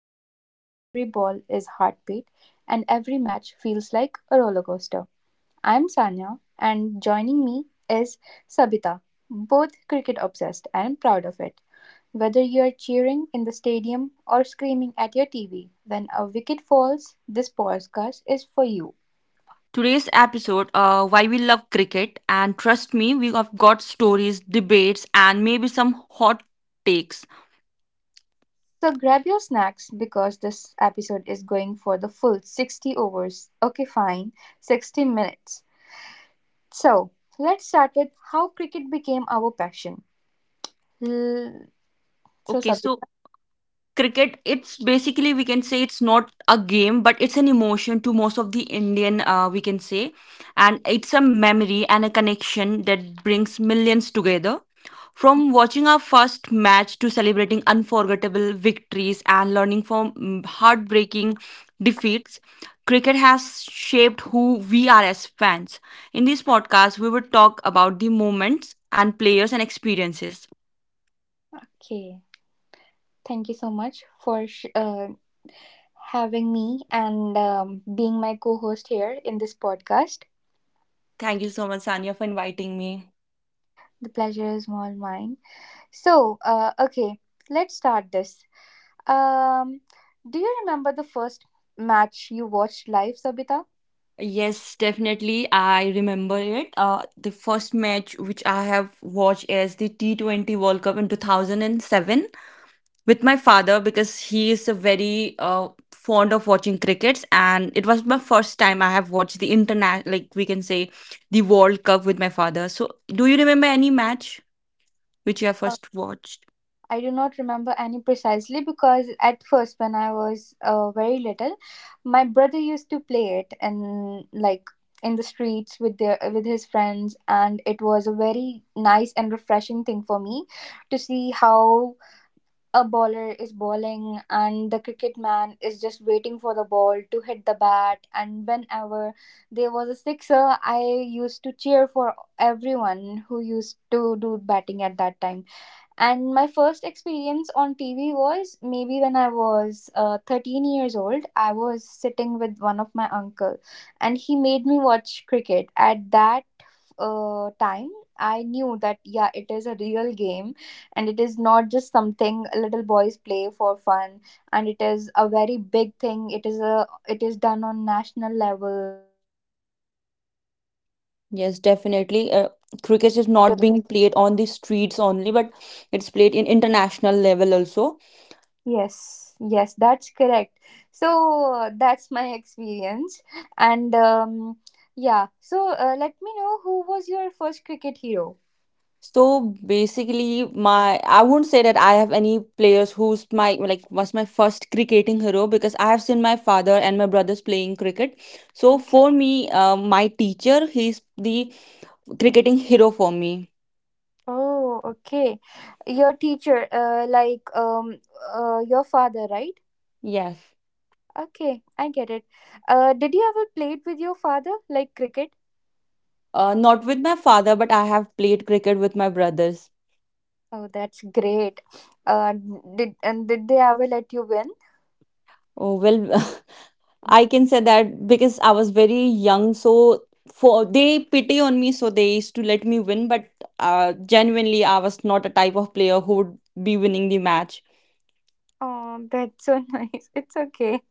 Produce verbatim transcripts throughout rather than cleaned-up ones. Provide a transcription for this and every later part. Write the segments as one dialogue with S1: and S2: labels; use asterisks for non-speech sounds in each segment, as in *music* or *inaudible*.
S1: show where every ball is heartbeat and every match feels like a roller coaster. I'm Sanya, and joining me is Sabita, both cricket obsessed and proud of it. Whether you're cheering in the stadium or screaming at your T V when a wicket falls, this podcast is for you.
S2: Today's episode, uh, why we love cricket. And trust me, we have got stories, debates, and maybe some hot takes.
S1: So grab your snacks because this episode is going for the full sixty overs. Okay, fine, sixty minutes. So let's start with how cricket became our passion. L- So
S2: Okay, so
S1: Sabita,
S2: cricket, it's basically we can say it's not a game but it's an emotion to most of the Indian, uh, we can say, and it's a memory and a connection that brings millions together. From watching our first match to celebrating unforgettable victories and learning from mm, heartbreaking defeats, cricket has shaped who we are as fans. In this podcast we will talk about the moments and players and experiences.
S1: okay, thank you so much for sh- uh, having me and um, being my co-host here in this podcast.
S2: Thank you so much, Sanya, for inviting me.
S1: The pleasure is all mine. So uh, okay, let's start this. Um, do you remember the first match you watched live, Sabita?
S2: Yes, definitely. I remember it. Uh, the first match which I have watched is the T twenty World Cup in two thousand seven with my father, because he is a very uh, fond of watching crickets, and it was my first time I have watched the international, like we can say, the World Cup with my father. So, do you remember any match which you have first watched?
S1: I do not remember any precisely because at first, when I was uh, very little, my brother used to play it and like in the streets with their with his friends, and it was a very nice and refreshing thing for me to see how a bowler is bowling and the cricket man is just waiting for the ball to hit the bat. And whenever there was a sixer, I used to cheer for everyone who used to do batting at that time. And my first experience on T V was maybe when I was uh, thirteen years old. I was sitting with one of my uncle, and he made me watch cricket. At that uh, time, I knew that yeah, it is a real game, and it is not just something little boys play for fun. And it is a very big thing. It is a it is done on national level.
S2: Yes, definitely. Uh, cricket is not being played on the streets only, but it's played in international level also.
S3: Yes, yes, that's correct. So uh, that's my experience, and um, yeah. So uh, let me know who was your first cricket hero.
S2: So basically, my I wouldn't say that I have any players who's my, like, was my first cricketing hero, because I have seen my father and my brothers playing cricket. So for me, uh, my teacher, he's the cricketing hero for me.
S3: Oh, okay. Your teacher, uh, like um, uh, your father, right?
S2: Yes.
S3: Okay, I get it. Uh, did you ever played with your father, like cricket?
S2: Uh, not with my father, but I have played cricket with my brothers.
S3: Oh, that's great. Uh, did and did they ever let you win?
S2: Oh well, *laughs* I can say that because I was very young, so for they pity on me, so they used to let me win. But uh, genuinely, I was not a type of player who would be winning the match.
S3: Oh, that's so *laughs* nice. It's okay.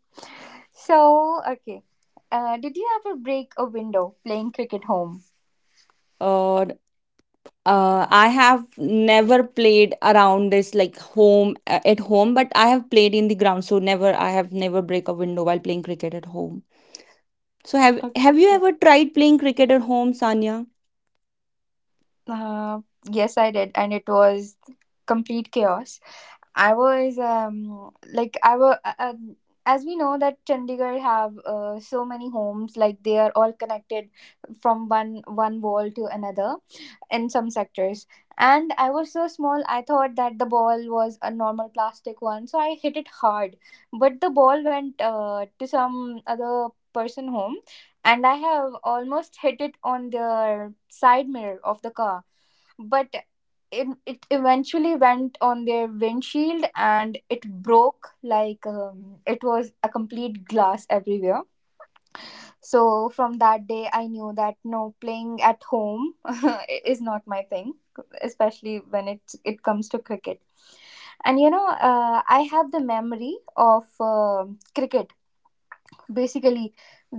S3: So, okay. Uh, did you ever break a window playing cricket home?
S2: Uh, uh, I have never played around this, like home, uh, at home, but I have played in the ground. So never, I have never break a window while playing cricket at home. So have have you
S3: Okay.
S2: ever tried playing cricket at home, Sanya?
S3: Uh, yes, I did, and it was complete chaos. I was um like I was uh, um, As we know that Chandigarh have uh, so many homes, like they are all connected from one one wall to another in some sectors. And I was so small, I thought that the ball was a normal plastic one, so I hit it hard. But the ball went uh, to some other person home, and I have almost hit it on the side mirror of the car. But it, it eventually went on their windshield, and it broke, like um, it was a complete glass everywhere. So from that day, I knew that no, playing at home *laughs* is not my thing, especially when it it comes to cricket. And you know, uh, I have the memory of um cricket, basically,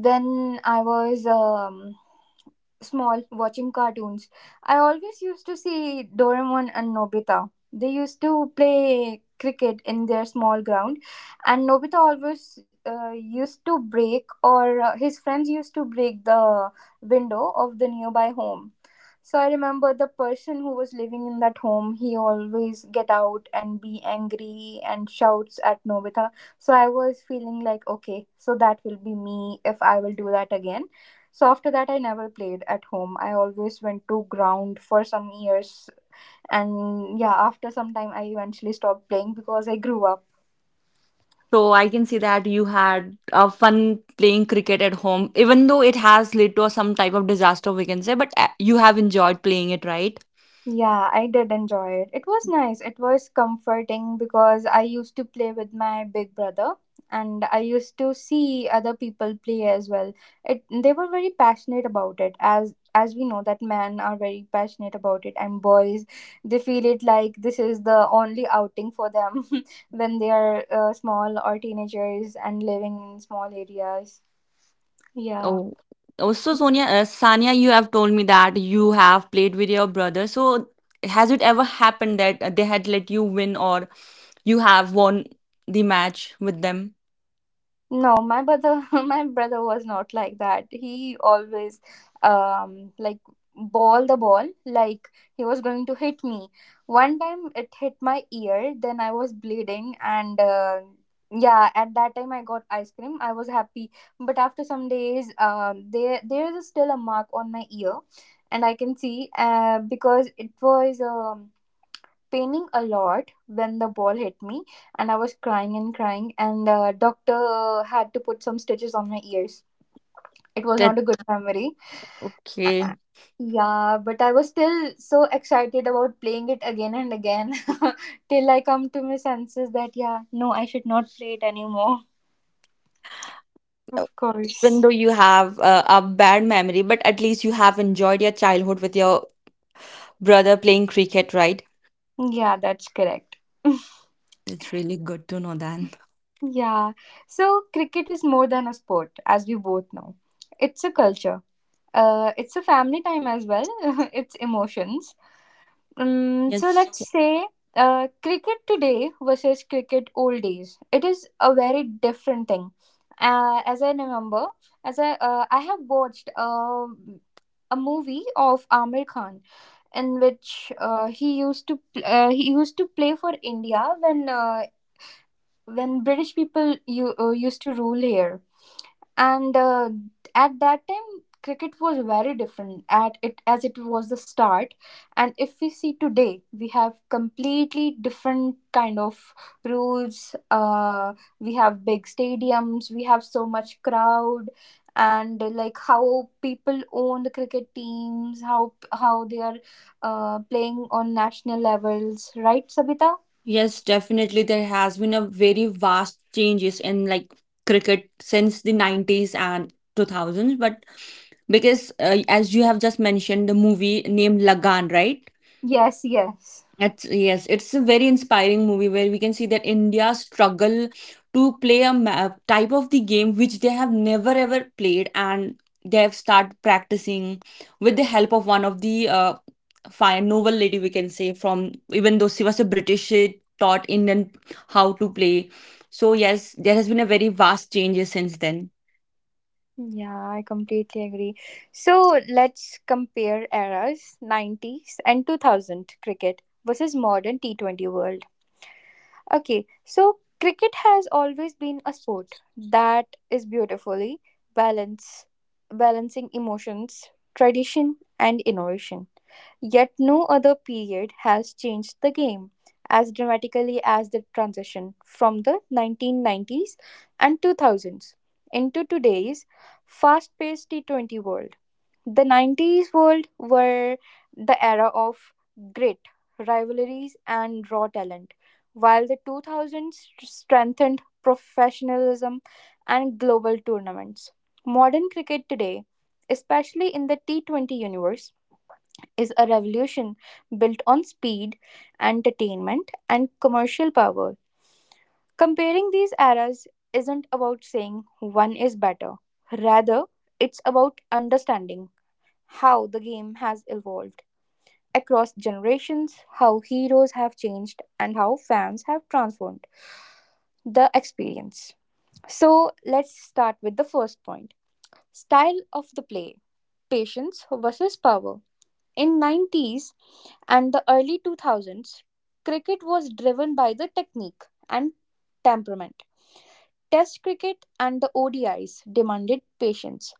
S3: when I was um, small watching cartoons. I always used to see Doraemon and Nobita. They used to play cricket in their small ground, and Nobita always uh, used to break, or uh, his friends used to break the window of the nearby home. So I remember the person who was living in that home, he always get out and be angry and shouts at Nobita. So I was feeling like, okay, so that will be me if I will do that again. So after that, I never played at home. I always went to ground for some years. And yeah, after some time, I eventually stopped playing because I grew up.
S2: So I can see that you had uh, fun playing cricket at home, even though it has led to some type of disaster, we can say, but uh, you have enjoyed playing it, right?
S3: Yeah, I did enjoy it. It was nice. It was comforting because I used to play with my big brother, and I used to see other people play as well. It They were very passionate about it, as as we know that men are very passionate about it, and boys, they feel it like this is the only outing for them *laughs* when they are uh, small or teenagers and living in small areas. Yeah.
S2: Oh, also, Sonia, uh, Sania, you have told me that you have played with your brother. So has it ever happened that uh, they had let you win or you have won the match with them?
S3: No, my brother, *laughs* my brother was not like that. He always, um, like, ball the ball, like, he was going to hit me. One time it hit my ear, then I was bleeding, and uh, yeah, at that time I got ice cream. I was happy, but after some days, um, there there is still a mark on my ear, and I can see, uh, because it was um paining a lot when the ball hit me, and I was crying and crying, and uh, doctor had to put some stitches on my ears. It was
S2: That
S3: not a good memory.
S2: Okay.
S3: Uh, yeah, but I was still so excited about playing it again and again *laughs* till I come to my senses that yeah, no, I should not play it anymore.
S2: Oh,
S3: Of
S2: even
S3: course.
S2: though you have a, a bad memory, but at least you have enjoyed your childhood with your brother playing cricket, right?
S3: Yeah, that's correct. *laughs*
S2: That's really good to know then.
S3: Yeah, so cricket is more than a sport, as we both know. It's a culture. Uh, it's a family time as well. *laughs* It's emotions. Um, so
S2: Yes,
S3: let's say uh, cricket today versus cricket old days. It is a very different thing. Uh, as I remember, as I uh, I have watched uh, a movie of Amir Khan, in which uh, he used to pl- uh, he used to play for India when uh, when British people you, uh, used to rule here. And uh, at that time, cricket was very different at it as it was the start. And if we see today, we have completely different kind of rules. Uh, we have big stadiums, we have so much crowd. And uh, like, how people own the cricket teams, how how they are uh, playing on national levels, right, Sabita?
S2: yes, definitely. There has been a very vast changes in like cricket since the nineties and two thousands. But because, uh, as you have just mentioned, the movie named Lagan, right?
S3: Yes, yes.
S2: It's, yes, it's a very inspiring movie where we can see that India struggle to play a ma- type of the game which they have never ever played, and they have started practicing with the help of one of the uh, fine novel lady, we can say, from, even though she was a British, she taught Indian how to play. So yes, there has been a very vast changes since then.
S3: Yeah, I completely agree. So let's compare eras nineties and two thousand cricket versus modern T twenty world. Okay, so cricket has always been a sport that is beautifully balanced, balancing emotions, tradition, and innovation. Yet no other period has changed the game as dramatically as the transition from the nineteen nineties and two thousands into today's fast paced T twenty world. The nineties world were the era of grit, rivalries, and raw talent, while the two thousands strengthened professionalism and global tournaments. Modern cricket today, especially in the T twenty universe, is a revolution built on speed, entertainment, and commercial power. Comparing these eras isn't about saying one is better; rather, it's about understanding how the game has evolved across generations, how heroes have changed, and how fans have transformed the experience. So, let's start with the first point: style of the play, patience versus power. In nineties and the early two thousands, cricket was driven by the technique and temperament. Test cricket and the O D Is demanded patience.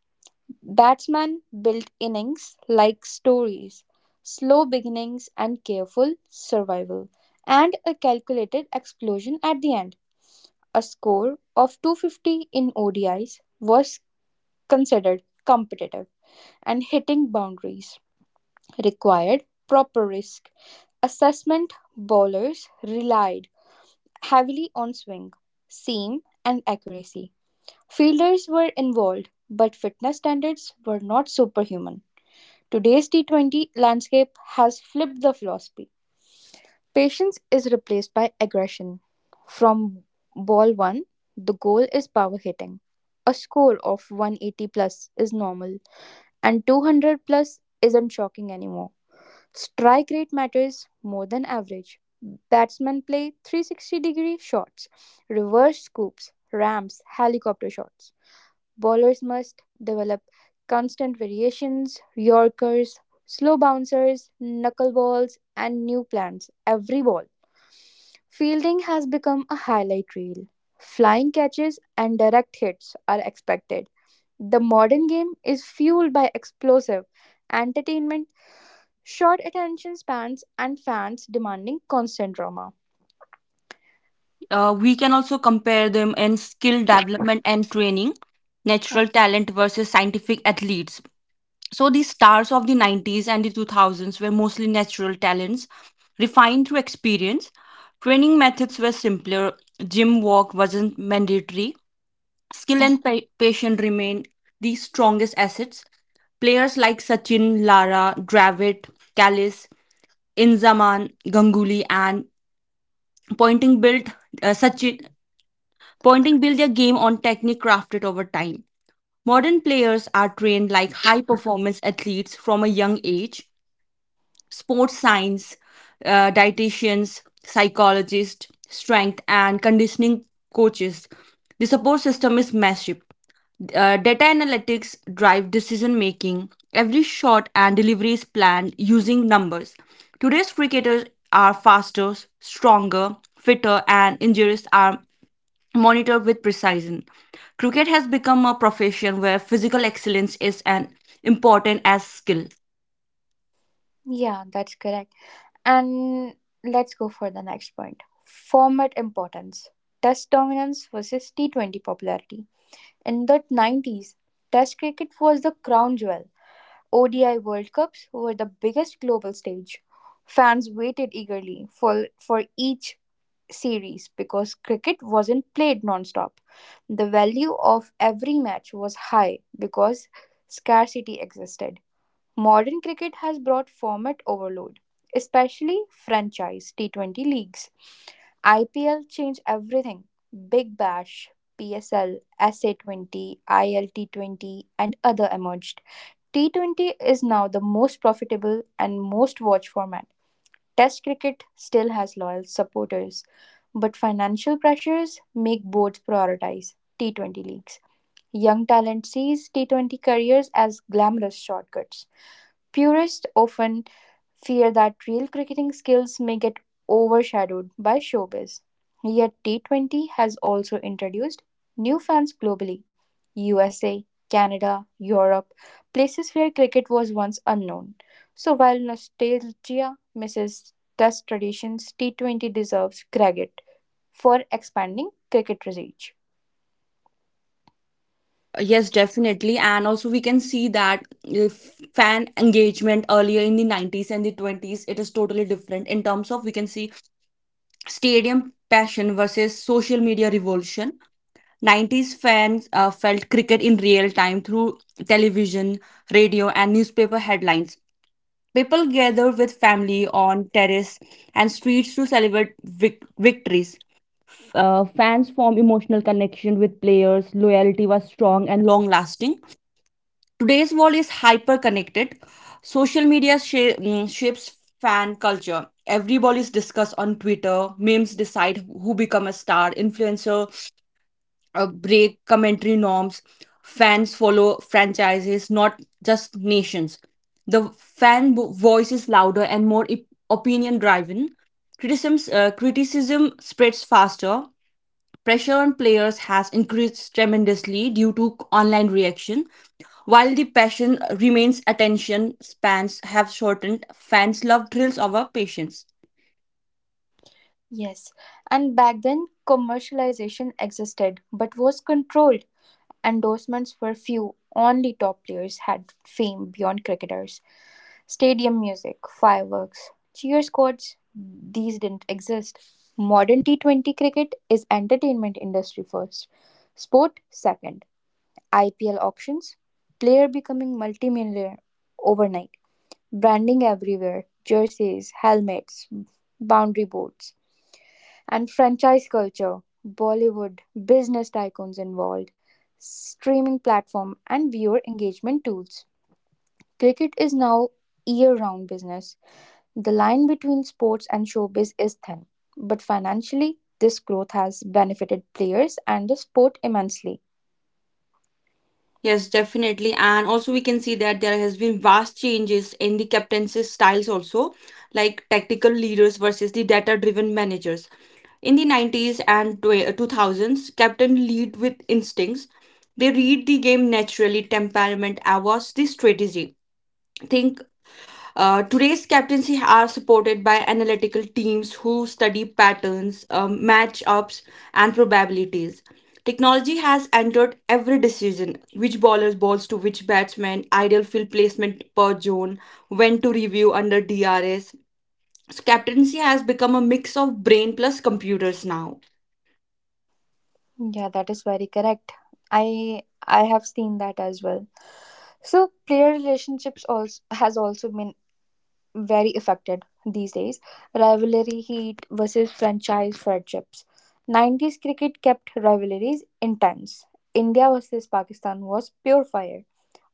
S3: Batsmen built innings like stories, slow beginnings and careful survival, and a calculated explosion at the end. A score of two hundred fifty in O D Is was considered competitive, and hitting boundaries required proper risk assessment. Bowlers relied heavily on swing, seam, and accuracy. Fielders were involved, but fitness standards were not superhuman. Today's T twenty landscape has flipped the philosophy. Patience is replaced by aggression. From ball one, the goal is power hitting. A score of one hundred eighty plus is normal, and two hundred plus isn't shocking anymore. Strike rate matters more than average. Batsmen play three sixty degree shots, reverse scoops, ramps, helicopter shots. Bowlers must develop constant variations, yorkers, slow bouncers, knuckle balls, and new plans every ball. Fielding has become a highlight reel. Flying catches and direct hits are expected. The modern game is fueled by explosive entertainment, short attention spans, and fans demanding constant drama.
S2: Uh, we can also compare them in skill development and training,
S3: Okay.
S2: natural talent versus scientific athletes. So the stars of the nineties and the two thousands were mostly natural talents, refined through experience. Training methods were simpler, gym work wasn't mandatory. Skill and pa- patience remained the strongest assets. Players like Sachin, Lara, Dravid, Kallis, Inzaman, Ganguly, and pointing built uh, Sachin Pointing build their game on technique crafted over time. Modern players are trained like high performance athletes from a young age. Sports science, uh, dietitians, psychologists, strength and conditioning coaches. The support system is massive. Uh, data analytics drive decision making. Every shot and delivery is planned using numbers. Today's cricketers are faster, stronger, fitter, and injuries are monitored with precision. Cricket has become a profession where physical excellence is as important as skill.
S3: Yeah, that's correct. And let's go for the next point: format importance. Test dominance versus T twenty popularity. In the nineties, Test cricket was the crown jewel. O D I World Cups were the biggest global stage. Fans waited eagerly for, for each series because cricket wasn't played non-stop. The value of every match was high because scarcity existed. Modern cricket has brought format overload, especially franchise T twenty leagues. I P L changed everything. Big Bash, P S L, S A twenty, I L T twenty and other emerged. T twenty is now the most profitable and most watched format. Test cricket still has loyal supporters, but financial pressures make boards prioritize T twenty leagues. Young talent sees T twenty careers as glamorous shortcuts. Purists often fear that real cricketing skills may get overshadowed by showbiz. Yet T twenty has also introduced new fans globally: U S A, Canada, Europe, places where cricket was once unknown. So while nostalgia misses test traditions, T twenty deserves credit for expanding cricket reach.
S2: Yes, definitely. And also, we can see that if fan engagement earlier in the nineties and the twenties, it is totally different in terms of, we can see, stadium passion versus social media revolution. nineties fans uh, felt cricket in real time through television, radio, and newspaper headlines. People gather with family on terrace and streets to celebrate vic- victories. Uh, fans form emotional connection with players. Loyalty was strong and long lasting. Today's world is hyper connected. Social media sha- mm, shapes fan culture. Every ball is discussed on Twitter. Memes decide who become a star. Influencer uh, break commentary norms. Fans follow franchises, not just nations. The fan bo- voice is louder and more opinion driven. Criticisms, uh, criticism spreads faster. Pressure on players has increased tremendously due to online reaction. While the passion remains, attention spans have shortened. Fans love thrills over patience.
S3: Yes, and back then commercialization existed but was controlled. Endorsements were few, only top players had fame beyond cricketers; stadium music, fireworks, cheer squads, these didn't exist. Modern T twenty cricket is entertainment industry first, sport second. I P L auctions, player becoming multimillionaire overnight. Branding everywhere, jerseys, helmets, boundary boards. And franchise culture, Bollywood, business tycoons involved, streaming platform, and viewer engagement tools. Cricket is now year round business. The line between sports and showbiz is thin, but financially, this growth has benefited players and the sport immensely.
S2: Yes, definitely. And also we can see that there has been vast changes in the captaincy styles also, like tactical leaders versus the data-driven managers. In the nineties and tw- two thousands, captain lead with instincts. They read the game naturally, temperament, awas, the strategy. Think uh, today's captaincy are supported by analytical teams who study patterns, um, matchups, and probabilities. Technology has entered every decision: which bowler's balls to which batsman, ideal field placement per zone, when to review under D R S. So, captaincy has become a mix of brain plus computers now.
S3: Yeah, that is very correct. I I have seen that as well. So player relationships also has also been very affected these days. Rivalry heat versus franchise friendships. nineties cricket kept rivalries intense. India versus Pakistan was pure fire.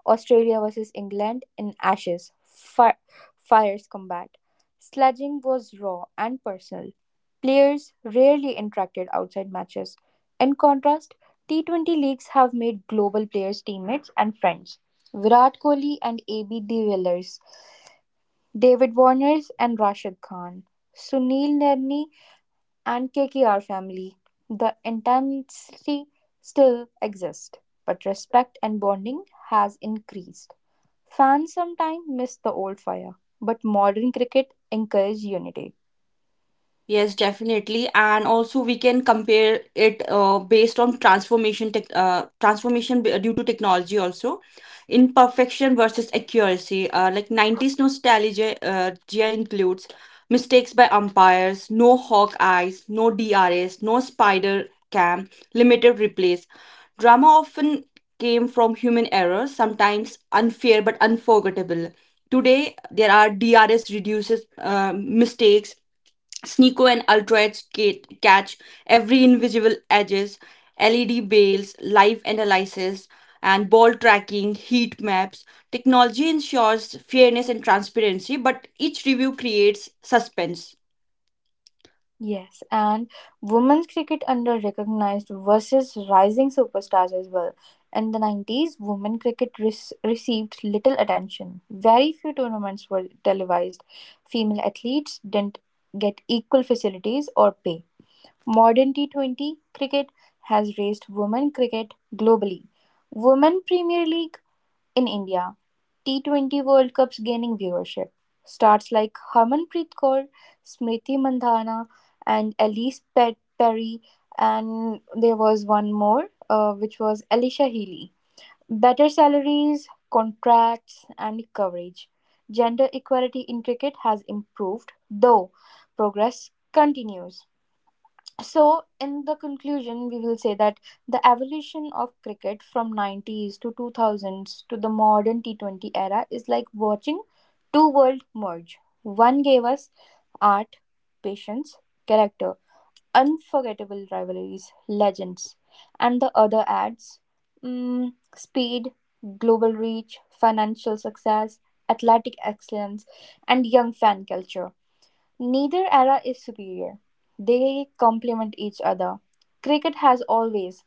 S3: Australia versus England in ashes. Fi- fires combat. Sledging was raw and personal. Players rarely interacted outside matches. In contrast, T twenty leagues have made global players teammates and friends. Virat Kohli and A B de Villiers, David Warners and Rashid Khan, Sunil Nerni and K K R family. The intensity still exists, but respect and bonding has increased. Fans sometimes miss the old fire, but modern cricket encourages unity.
S2: Yes, definitely. And also we can compare it uh, based on transformation tech, uh, transformation b- due to technology also. Imperfection versus accuracy. Uh, like nineties nostalgia uh, gia includes mistakes by umpires, no hawk eyes, no D R S, no spider cam, limited replays. Drama often came from human error, sometimes unfair but unforgettable. Today, there are D R S reduces uh, mistakes. Sneeko and Ultra's gate catch every invisible edges, L E D bales, live analysis, and ball tracking, heat maps. Technology ensures fairness and transparency, but each review creates suspense.
S3: Yes, and women's cricket under recognized versus rising superstars as well. In the nineties, women cricket res- received little attention. Very few tournaments were televised. Female athletes didn't get equal facilities or pay. Modern T twenty cricket has raised women cricket globally: Women Premier League in India, T twenty World Cups gaining viewership. Stars like Harmanpreet Kaur, Smriti Mandhana, and Elise Pe- Perry, and there was one more, uh, which was Alicia Healy. Better salaries, contracts, and coverage. Gender equality in cricket has improved, though progress continues. So in the conclusion we will say that the evolution of cricket from nineties to two thousands to the modern T twenty era is like watching two worlds merge. One gave us art, patience, character, unforgettable rivalries, legends, and the other adds mm, speed, global reach, financial success, athletic excellence, and young fan culture. Neither era is superior; they complement each other. Cricket has always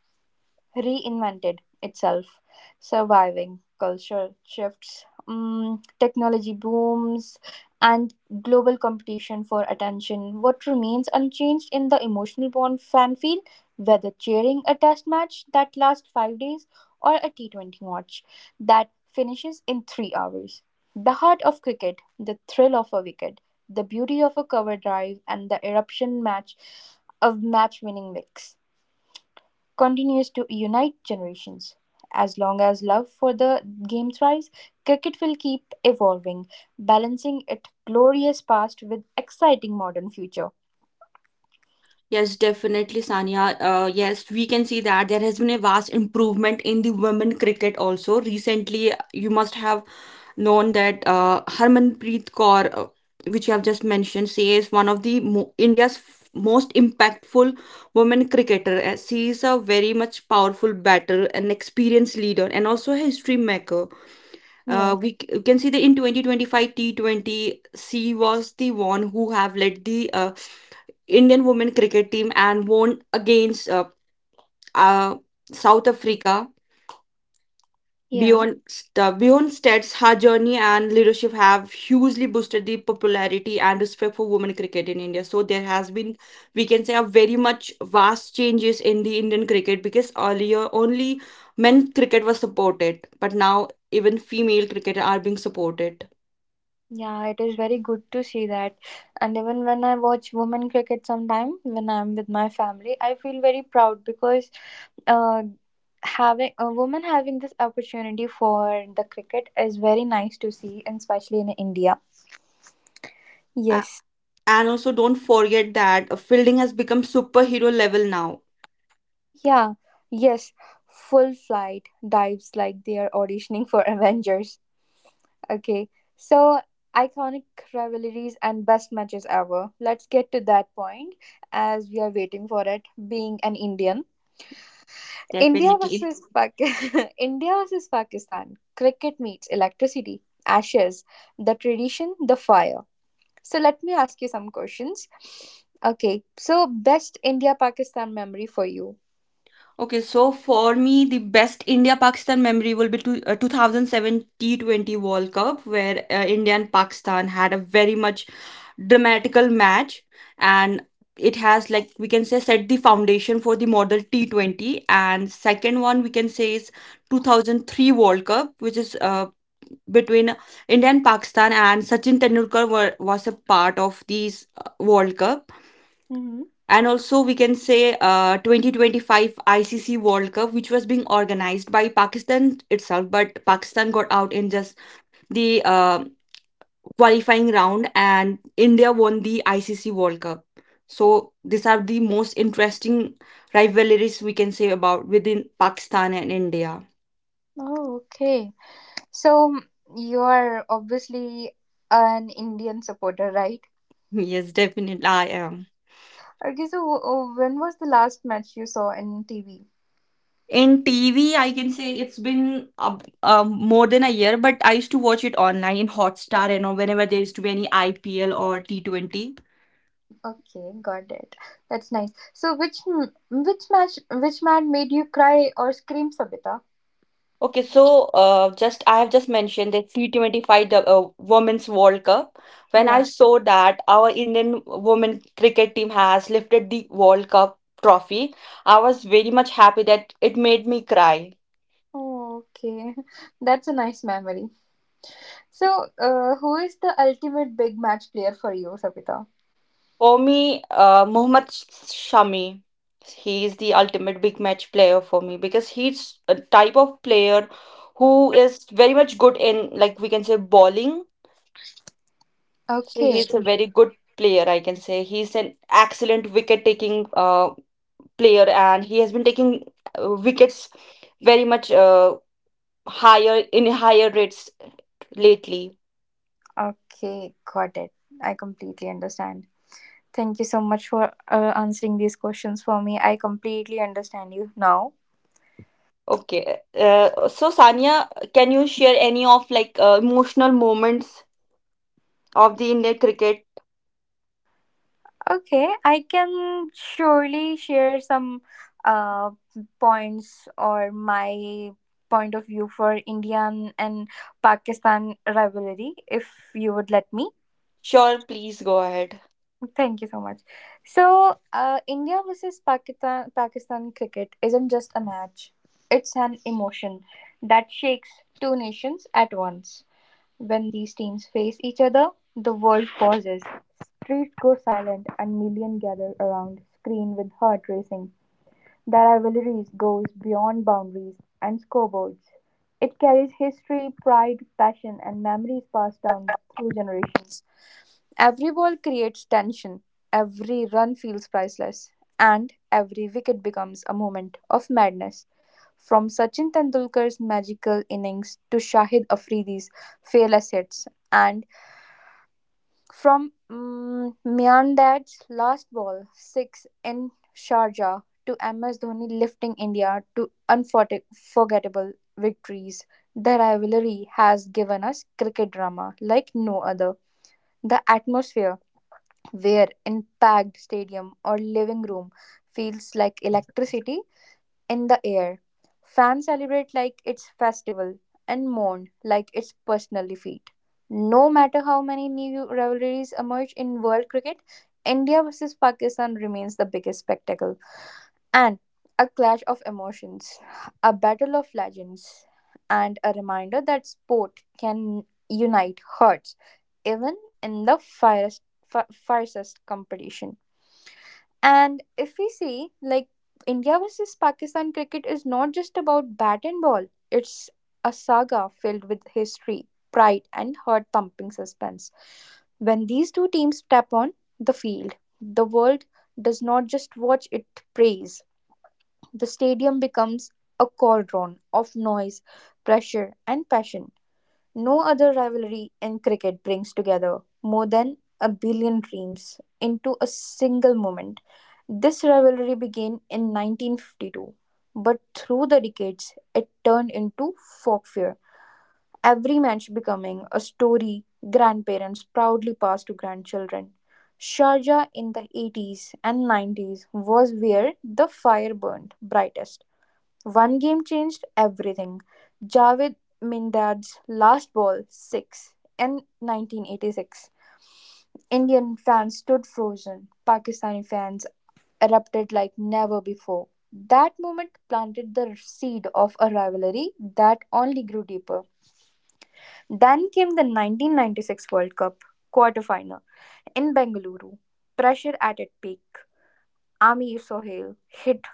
S3: reinvented itself, surviving cultural shifts, mm, technology booms, and global competition for attention. What remains unchanged in the emotional bond fan field, whether cheering a test match that lasts five days or a T twenty match that finishes in three hours. The heart of cricket, the thrill of a wicket, the beauty of a cover drive, and the eruption match of match winning wicks continues to unite generations. As long as love for the game thrives, cricket will keep evolving, balancing its glorious past with exciting modern future.
S2: Yes, definitely, Sanya. Uh, yes, we can see that there has been a vast improvement in the women cricket also. Recently, you must have known that uh, Harmanpreet Kaur, uh, which you have just mentioned, she is one of the mo- India's f- most impactful women cricketer. Uh, She is a very much powerful batter, an experienced leader, and also a history maker. Uh,
S3: Yes.
S2: we c- can see that in twenty twenty-five T twenty, she was the one who have led the uh, Indian women cricket team and won against uh, uh, South Africa.
S3: Yeah,
S2: Beyond St- Beyond Stats, her journey and leadership have hugely boosted the popularity and respect for women cricket in India. So there has been, we can say, a very much vast changes in the Indian cricket, because earlier only men cricket was supported, but now even female cricket are being supported.
S3: yeah, it is very good to see that. And even when I watch women cricket sometime, when I'm with my family, I feel very proud because uh, having a woman having this opportunity for the cricket is very nice to see, and especially in India. Yes.
S2: And also, don't forget that uh, fielding has become superhero level now.
S3: Yeah, yes, full flight dives like they are auditioning for *laughs* Avengers. Okay, so iconic rivalries and best matches ever. Let's get to that point as we are waiting for it. Being an Indian, India
S2: Definitely.
S3: versus Pakistan. *laughs* India versus Pakistan. Cricket meets electricity, ashes, the tradition, the fire. So let me ask you some questions. Okay, so best India Pakistan memory for you.
S2: Okay, so for me, the best India Pakistan memory will be to, uh, two thousand seven T twenty World Cup, where uh, India and Pakistan had a very much dramatical match, and it has, like we can say, set the foundation for the model T twenty. And second one we can say is two thousand three World Cup, which is uh, between India and Pakistan, and Sachin Tendulkar were, was a part of these uh, World Cup.
S3: Mm-hmm.
S2: And also we can say uh, twenty twenty-five I C C World Cup, which was being organized by Pakistan itself, but Pakistan got out in just the uh qualifying round, and India won the I C C World Cup. So these are the most interesting rivalries we can say about within Pakistan and India. *laughs*
S3: Oh, okay. So you are obviously an Indian supporter, right?
S2: Yes, definitely I am.
S3: Okay, so uh, when was the last match you saw in T V?
S2: In T V, I can say it's been uh, uh, more than a year, but I used to watch it online in Hotstar, you know, whenever there used to be any I P L or T twenty.
S3: Okay, got it. That's nice. So which m- which match which match made you cry or scream, Sabita?
S2: Okay, so uh, just I have just mentioned the T twenty-five, the uh, Women's World Cup. When I
S3: Yeah.
S2: saw that our Indian women cricket team has lifted the World Cup trophy, I was very much happy that it made me cry.
S3: Oh, okay, *laughs* that's a nice memory. So, uh, who is the ultimate big match player for you, Sabita?
S2: For me, uh, Mohammad Shami, he is the ultimate big match player for me, because he's a type of player who is very much good in, like we can say, bowling. So
S3: Okay,
S2: he's a very good player, I can say. He's an excellent wicket taking uh, player, and he has been taking uh, wickets very much uh, higher in higher rates lately.
S3: okay, got it. I completely understand. Thank you so much for uh, answering these questions for me. I completely understand you now.
S2: Okay. Uh, so Sanya, can you share any of, like, uh, emotional moments of the Indian cricket?
S3: Okay, I can surely share some uh, points or my point of view for Indian and Pakistan rivalry if you would let me.
S2: Sure, please go ahead.
S3: Thank you so much. So, uh, India versus Pakistan, Pakistan cricket isn't just a match, it's an emotion that shakes two nations at once. When these teams face each other, the world pauses, streets go silent, and millions gather around, screen with heart racing. The rivalry goes beyond boundaries and scoreboards. It carries history, pride, passion, and memories passed down through generations. Every ball creates tension, every run feels priceless, and every wicket becomes a moment of madness. From Sachin Tendulkar's magical innings to Shahid Afridi's fearless hits and from mm Miandad's last ball six in Sharjah to M S Dhoni lifting India to unforgettable victories, the rivalry has given us cricket drama like no other. The atmosphere, where in packed stadium or living room, feels like electricity in the air. Fans celebrate like it's festival and mourn like it's personal defeat. No matter how many new rivalries emerge in world cricket, India versus Pakistan remains the biggest spectacle and a clash of emotions, a battle of legends, and a reminder that sport can unite hearts even in the fiercest, fi- fiercest competition. And if we see, like, India versus Pakistan cricket is not just about bat and ball, it's a saga filled with history, pride, and heart thumping suspense. When these two teams step on the field, the world does not just watch it praise, the stadium becomes a cauldron of noise, pressure, and passion. No other rivalry in cricket brings together more than a billion dreams into a single moment. This rivalry began in nineteen fifty-two, but through the decades it turned into folklore, every match becoming a story grandparents proudly pass to grandchildren. Sharjah in the eighties and nineties was where the fire burned brightest. One game changed everything: Javed Mindad's last ball six in nineteen eighty-six. Indian fans stood frozen. Pakistani fans erupted like never before. That moment planted the seed of a rivalry that only grew deeper. Then came the nineteen ninety-six World Cup quarterfinal in Bengaluru. Pressure at its peak. Amir Sohail hit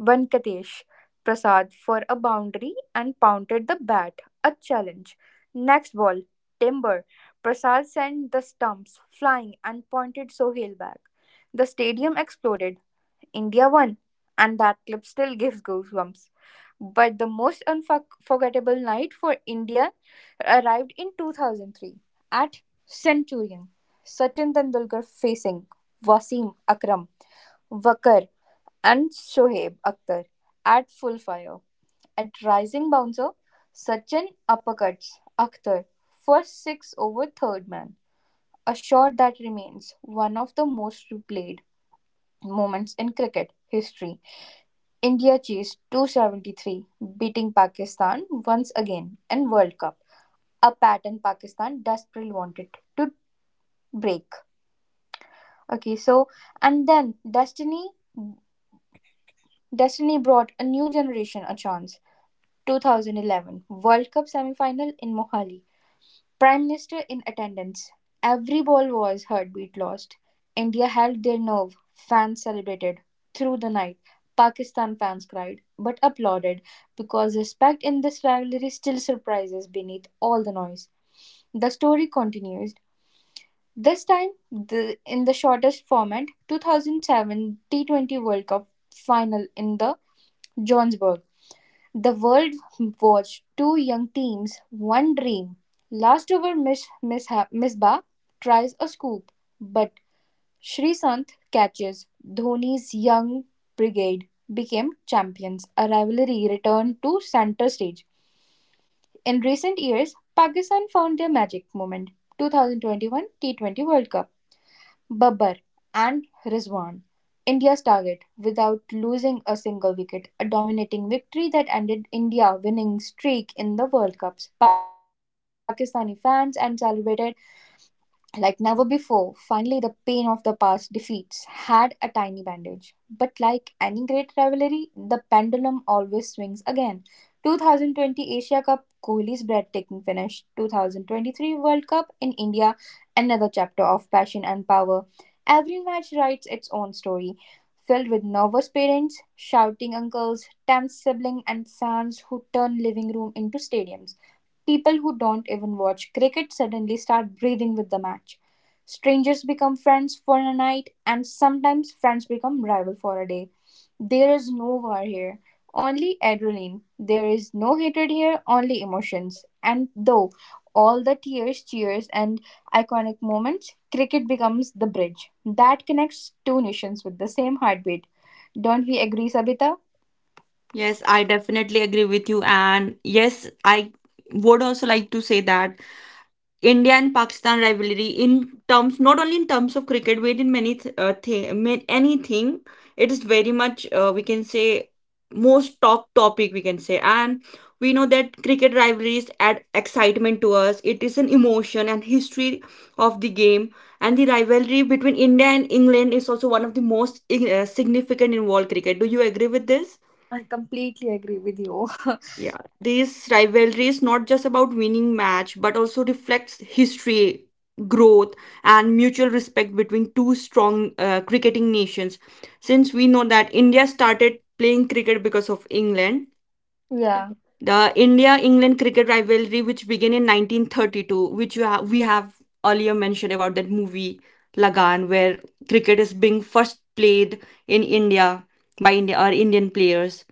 S3: Venkatesh Prasad for a boundary and pounded the bat, a challenge. Next ball, timber. Prasad sent the stumps flying and pointed Sohail back. The stadium exploded. India won. And that clip still gives goosebumps. But the most unforgettable night for India arrived in two thousand three at Centurion. Sachin Tendulkar facing Wasim Akram, Wakar and Shoaib Akhtar at full fire. At rising bouncer, Sachin uppercuts Akhtar for six over third man. A shot that remains one of the most replayed moments in cricket history. India chased two hundred seventy-three, beating Pakistan once again in World Cup, a pattern Pakistan desperately wanted to break. Okay, so and then destiny destiny brought a new generation a chance twenty eleven World Cup semi-final in Mohali. Prime Minister in attendance. Every ball was heartbeat lost. India held their nerve. Fans celebrated through the night. Pakistan fans cried but applauded because respect in this rivalry still surprises beneath all the noise. The story continues. This time, the, in the shortest format, two thousand seven T twenty World Cup final in the Johannesburg. The world watched two young teams, one dream. Last over Miss Misha, Misbah tries a scoop, but Srisanth catches. Dhoni's young brigade became champions. A rivalry returned to center stage. In recent years, Pakistan found their magic moment. twenty twenty-one T twenty World Cup. Babbar and Rizwan, India's target, without losing a single wicket, a dominating victory that ended India's winning streak in the World Cups. Pakistani fans and celebrated like never before, finally the pain of the past defeats had a tiny bandage. But like any great rivalry, the pendulum always swings again. twenty twenty Asia Cup, Kohli's breathtaking finish. twenty twenty-three World Cup in India, another chapter of passion and power. Every match writes its own story, filled with nervous parents, shouting uncles, tense siblings, and fans who turn living room into stadiums. People who don't even watch cricket suddenly start breathing with the match. Strangers become friends for a night, and sometimes friends become rival for a day. There is no war here, only adrenaline. There is no hatred here, only emotions. And though all the tears, cheers, and iconic moments, cricket becomes the bridge that connects two nations with the same heartbeat. Don't we agree, Sabita?
S2: Yes, I definitely agree with you. And yes, I would also like to say that India and Pakistan rivalry, in terms, not only in terms of cricket but in many th- uh, th- anything, it is very much, uh, we can say, most talk topic, we can say. And we know that cricket rivalries add excitement to us. It is an emotion and history of the game. And the rivalry between India and England is also one of the most uh, significant in world cricket. Do you agree with this?
S3: I completely agree with you. *laughs*
S2: Yeah, this rivalry is not just about winning match, but also reflects history, growth, and mutual respect between two strong uh, cricketing nations. Since we know that India started playing cricket because of England,
S3: yeah,
S2: the India-England cricket rivalry, which began in nineteen thirty-two, which you have, we have earlier mentioned about that movie Lagan, where cricket is being first played in India by India or Indian players.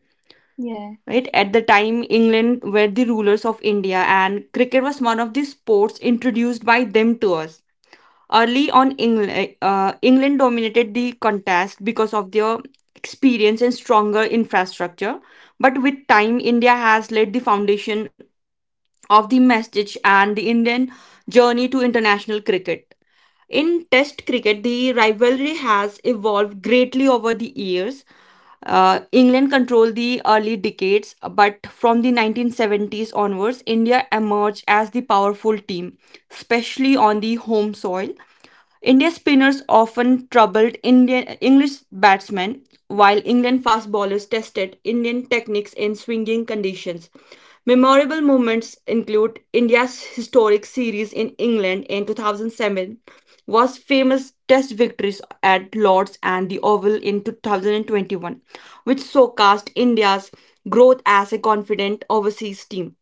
S3: yeah.
S2: Right, at the time England were the rulers of India, and cricket was one of the sports introduced by them to us. Early on, england, uh, England dominated the contest because of their experience and stronger infrastructure, but with time India has laid the foundation of the message and the Indian journey to international cricket. In Test cricket, the rivalry has evolved greatly over the years. Uh, England controlled the early decades, but from the nineteen seventies onwards, India emerged as the powerful team, especially on the home soil. India spinners often troubled Indian English batsmen, while England fast bowlers tested Indian techniques in swinging conditions. Memorable moments include India's historic series in England in two thousand seven, was famous test victories at Lord's and the Oval in two thousand twenty-one, which showcased India's growth as a confident overseas team.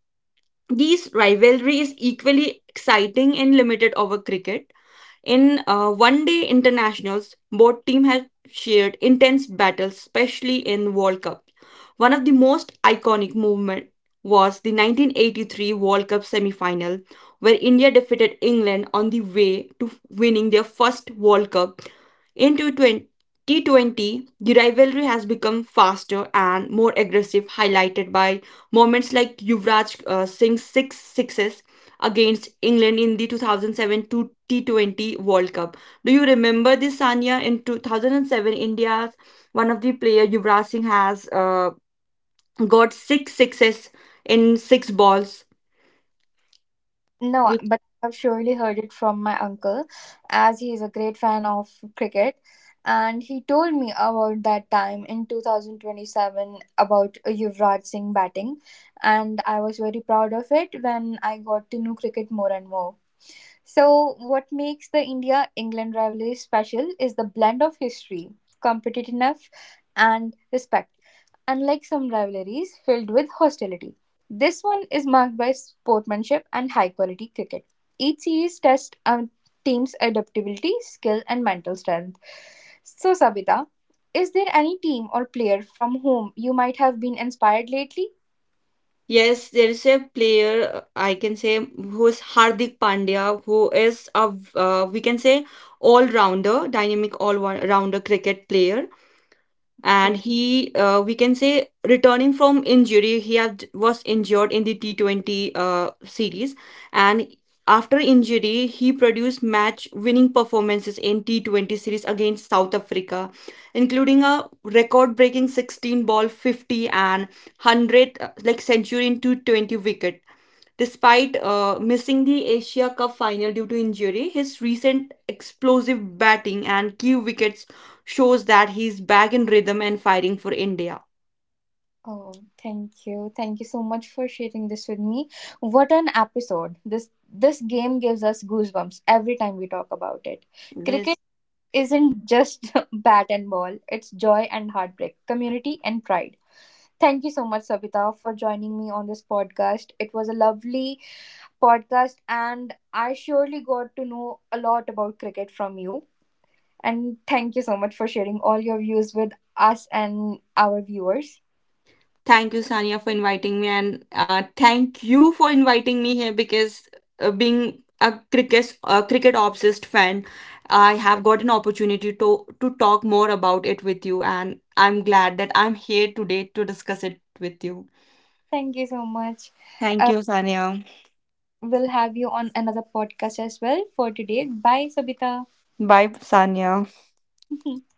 S2: These rivalry is equally exciting in limited over cricket. In uh, one day internationals, both teams have shared intense battles, especially in World Cup. One of the most iconic movement was the nineteen eighty-three World Cup semi-final, where India defeated England on the way to winning their first World Cup. In twenty twenty, the rivalry has become faster and more aggressive, highlighted by moments like Yuvraj uh, Singh's six sixes against England in the two thousand seven to T twenty World Cup. Do you remember this, Sanya? In two thousand seven, India's one of the player Yuvraj Singh has uh, got six sixes in six balls.
S3: No,
S2: Which-
S3: but I've surely heard it from my uncle, as he is a great fan of cricket. And he told me about that time in two thousand twenty-seven about Yuvraj Singh batting. And I was very proud of it when I got to know cricket more and more. So, what makes the India England rivalry special is the blend of history, competitiveness, and respect, unlike some rivalries filled with hostility. This one is marked by sportsmanship and high quality cricket. Each series tests a team's adaptability, skill, and mental strength. So, Sabita, is there any team or player from whom you might have been inspired lately?
S2: Yes, there is a player, uh, I can say, who is Hardik Pandya, who is a v- uh, we can say all rounder, dynamic all rounder cricket player. And he, uh, we can say, returning from injury, he had was injured in the T twenty uh, series, and after injury he produced match winning performances in T twenty series against South Africa, including a record breaking sixteen ball 50 and 100, uh, like century in two twenty wicket. Despite uh, missing the Asia Cup final due to injury, his recent explosive batting and key wickets shows that he's back in rhythm and fighting for India.
S3: Oh, thank you. Thank you so much for sharing this with me. What an episode. This this game gives us goosebumps every time we talk about it. Cricket
S2: Yes.
S3: isn't just *laughs* bat and ball, it's joy and heartbreak, community and pride. Thank you so much, Savita, for joining me on this podcast. It was a lovely podcast, and I surely got to know a lot about cricket from you. And thank you so much for sharing all your views with us and our viewers.
S2: Thank you, Sania, for inviting me, and uh, thank you for inviting me here, because uh, being a cricket a cricket obsessed fan, I have got an opportunity to to talk more about it with you, and I'm glad that I'm here today to discuss it with you.
S3: Thank you so much.
S2: Thank you, Sania.
S3: We'll have you on another podcast as well for today. Bye, Sabita.
S2: Bye, Sania.
S3: *laughs*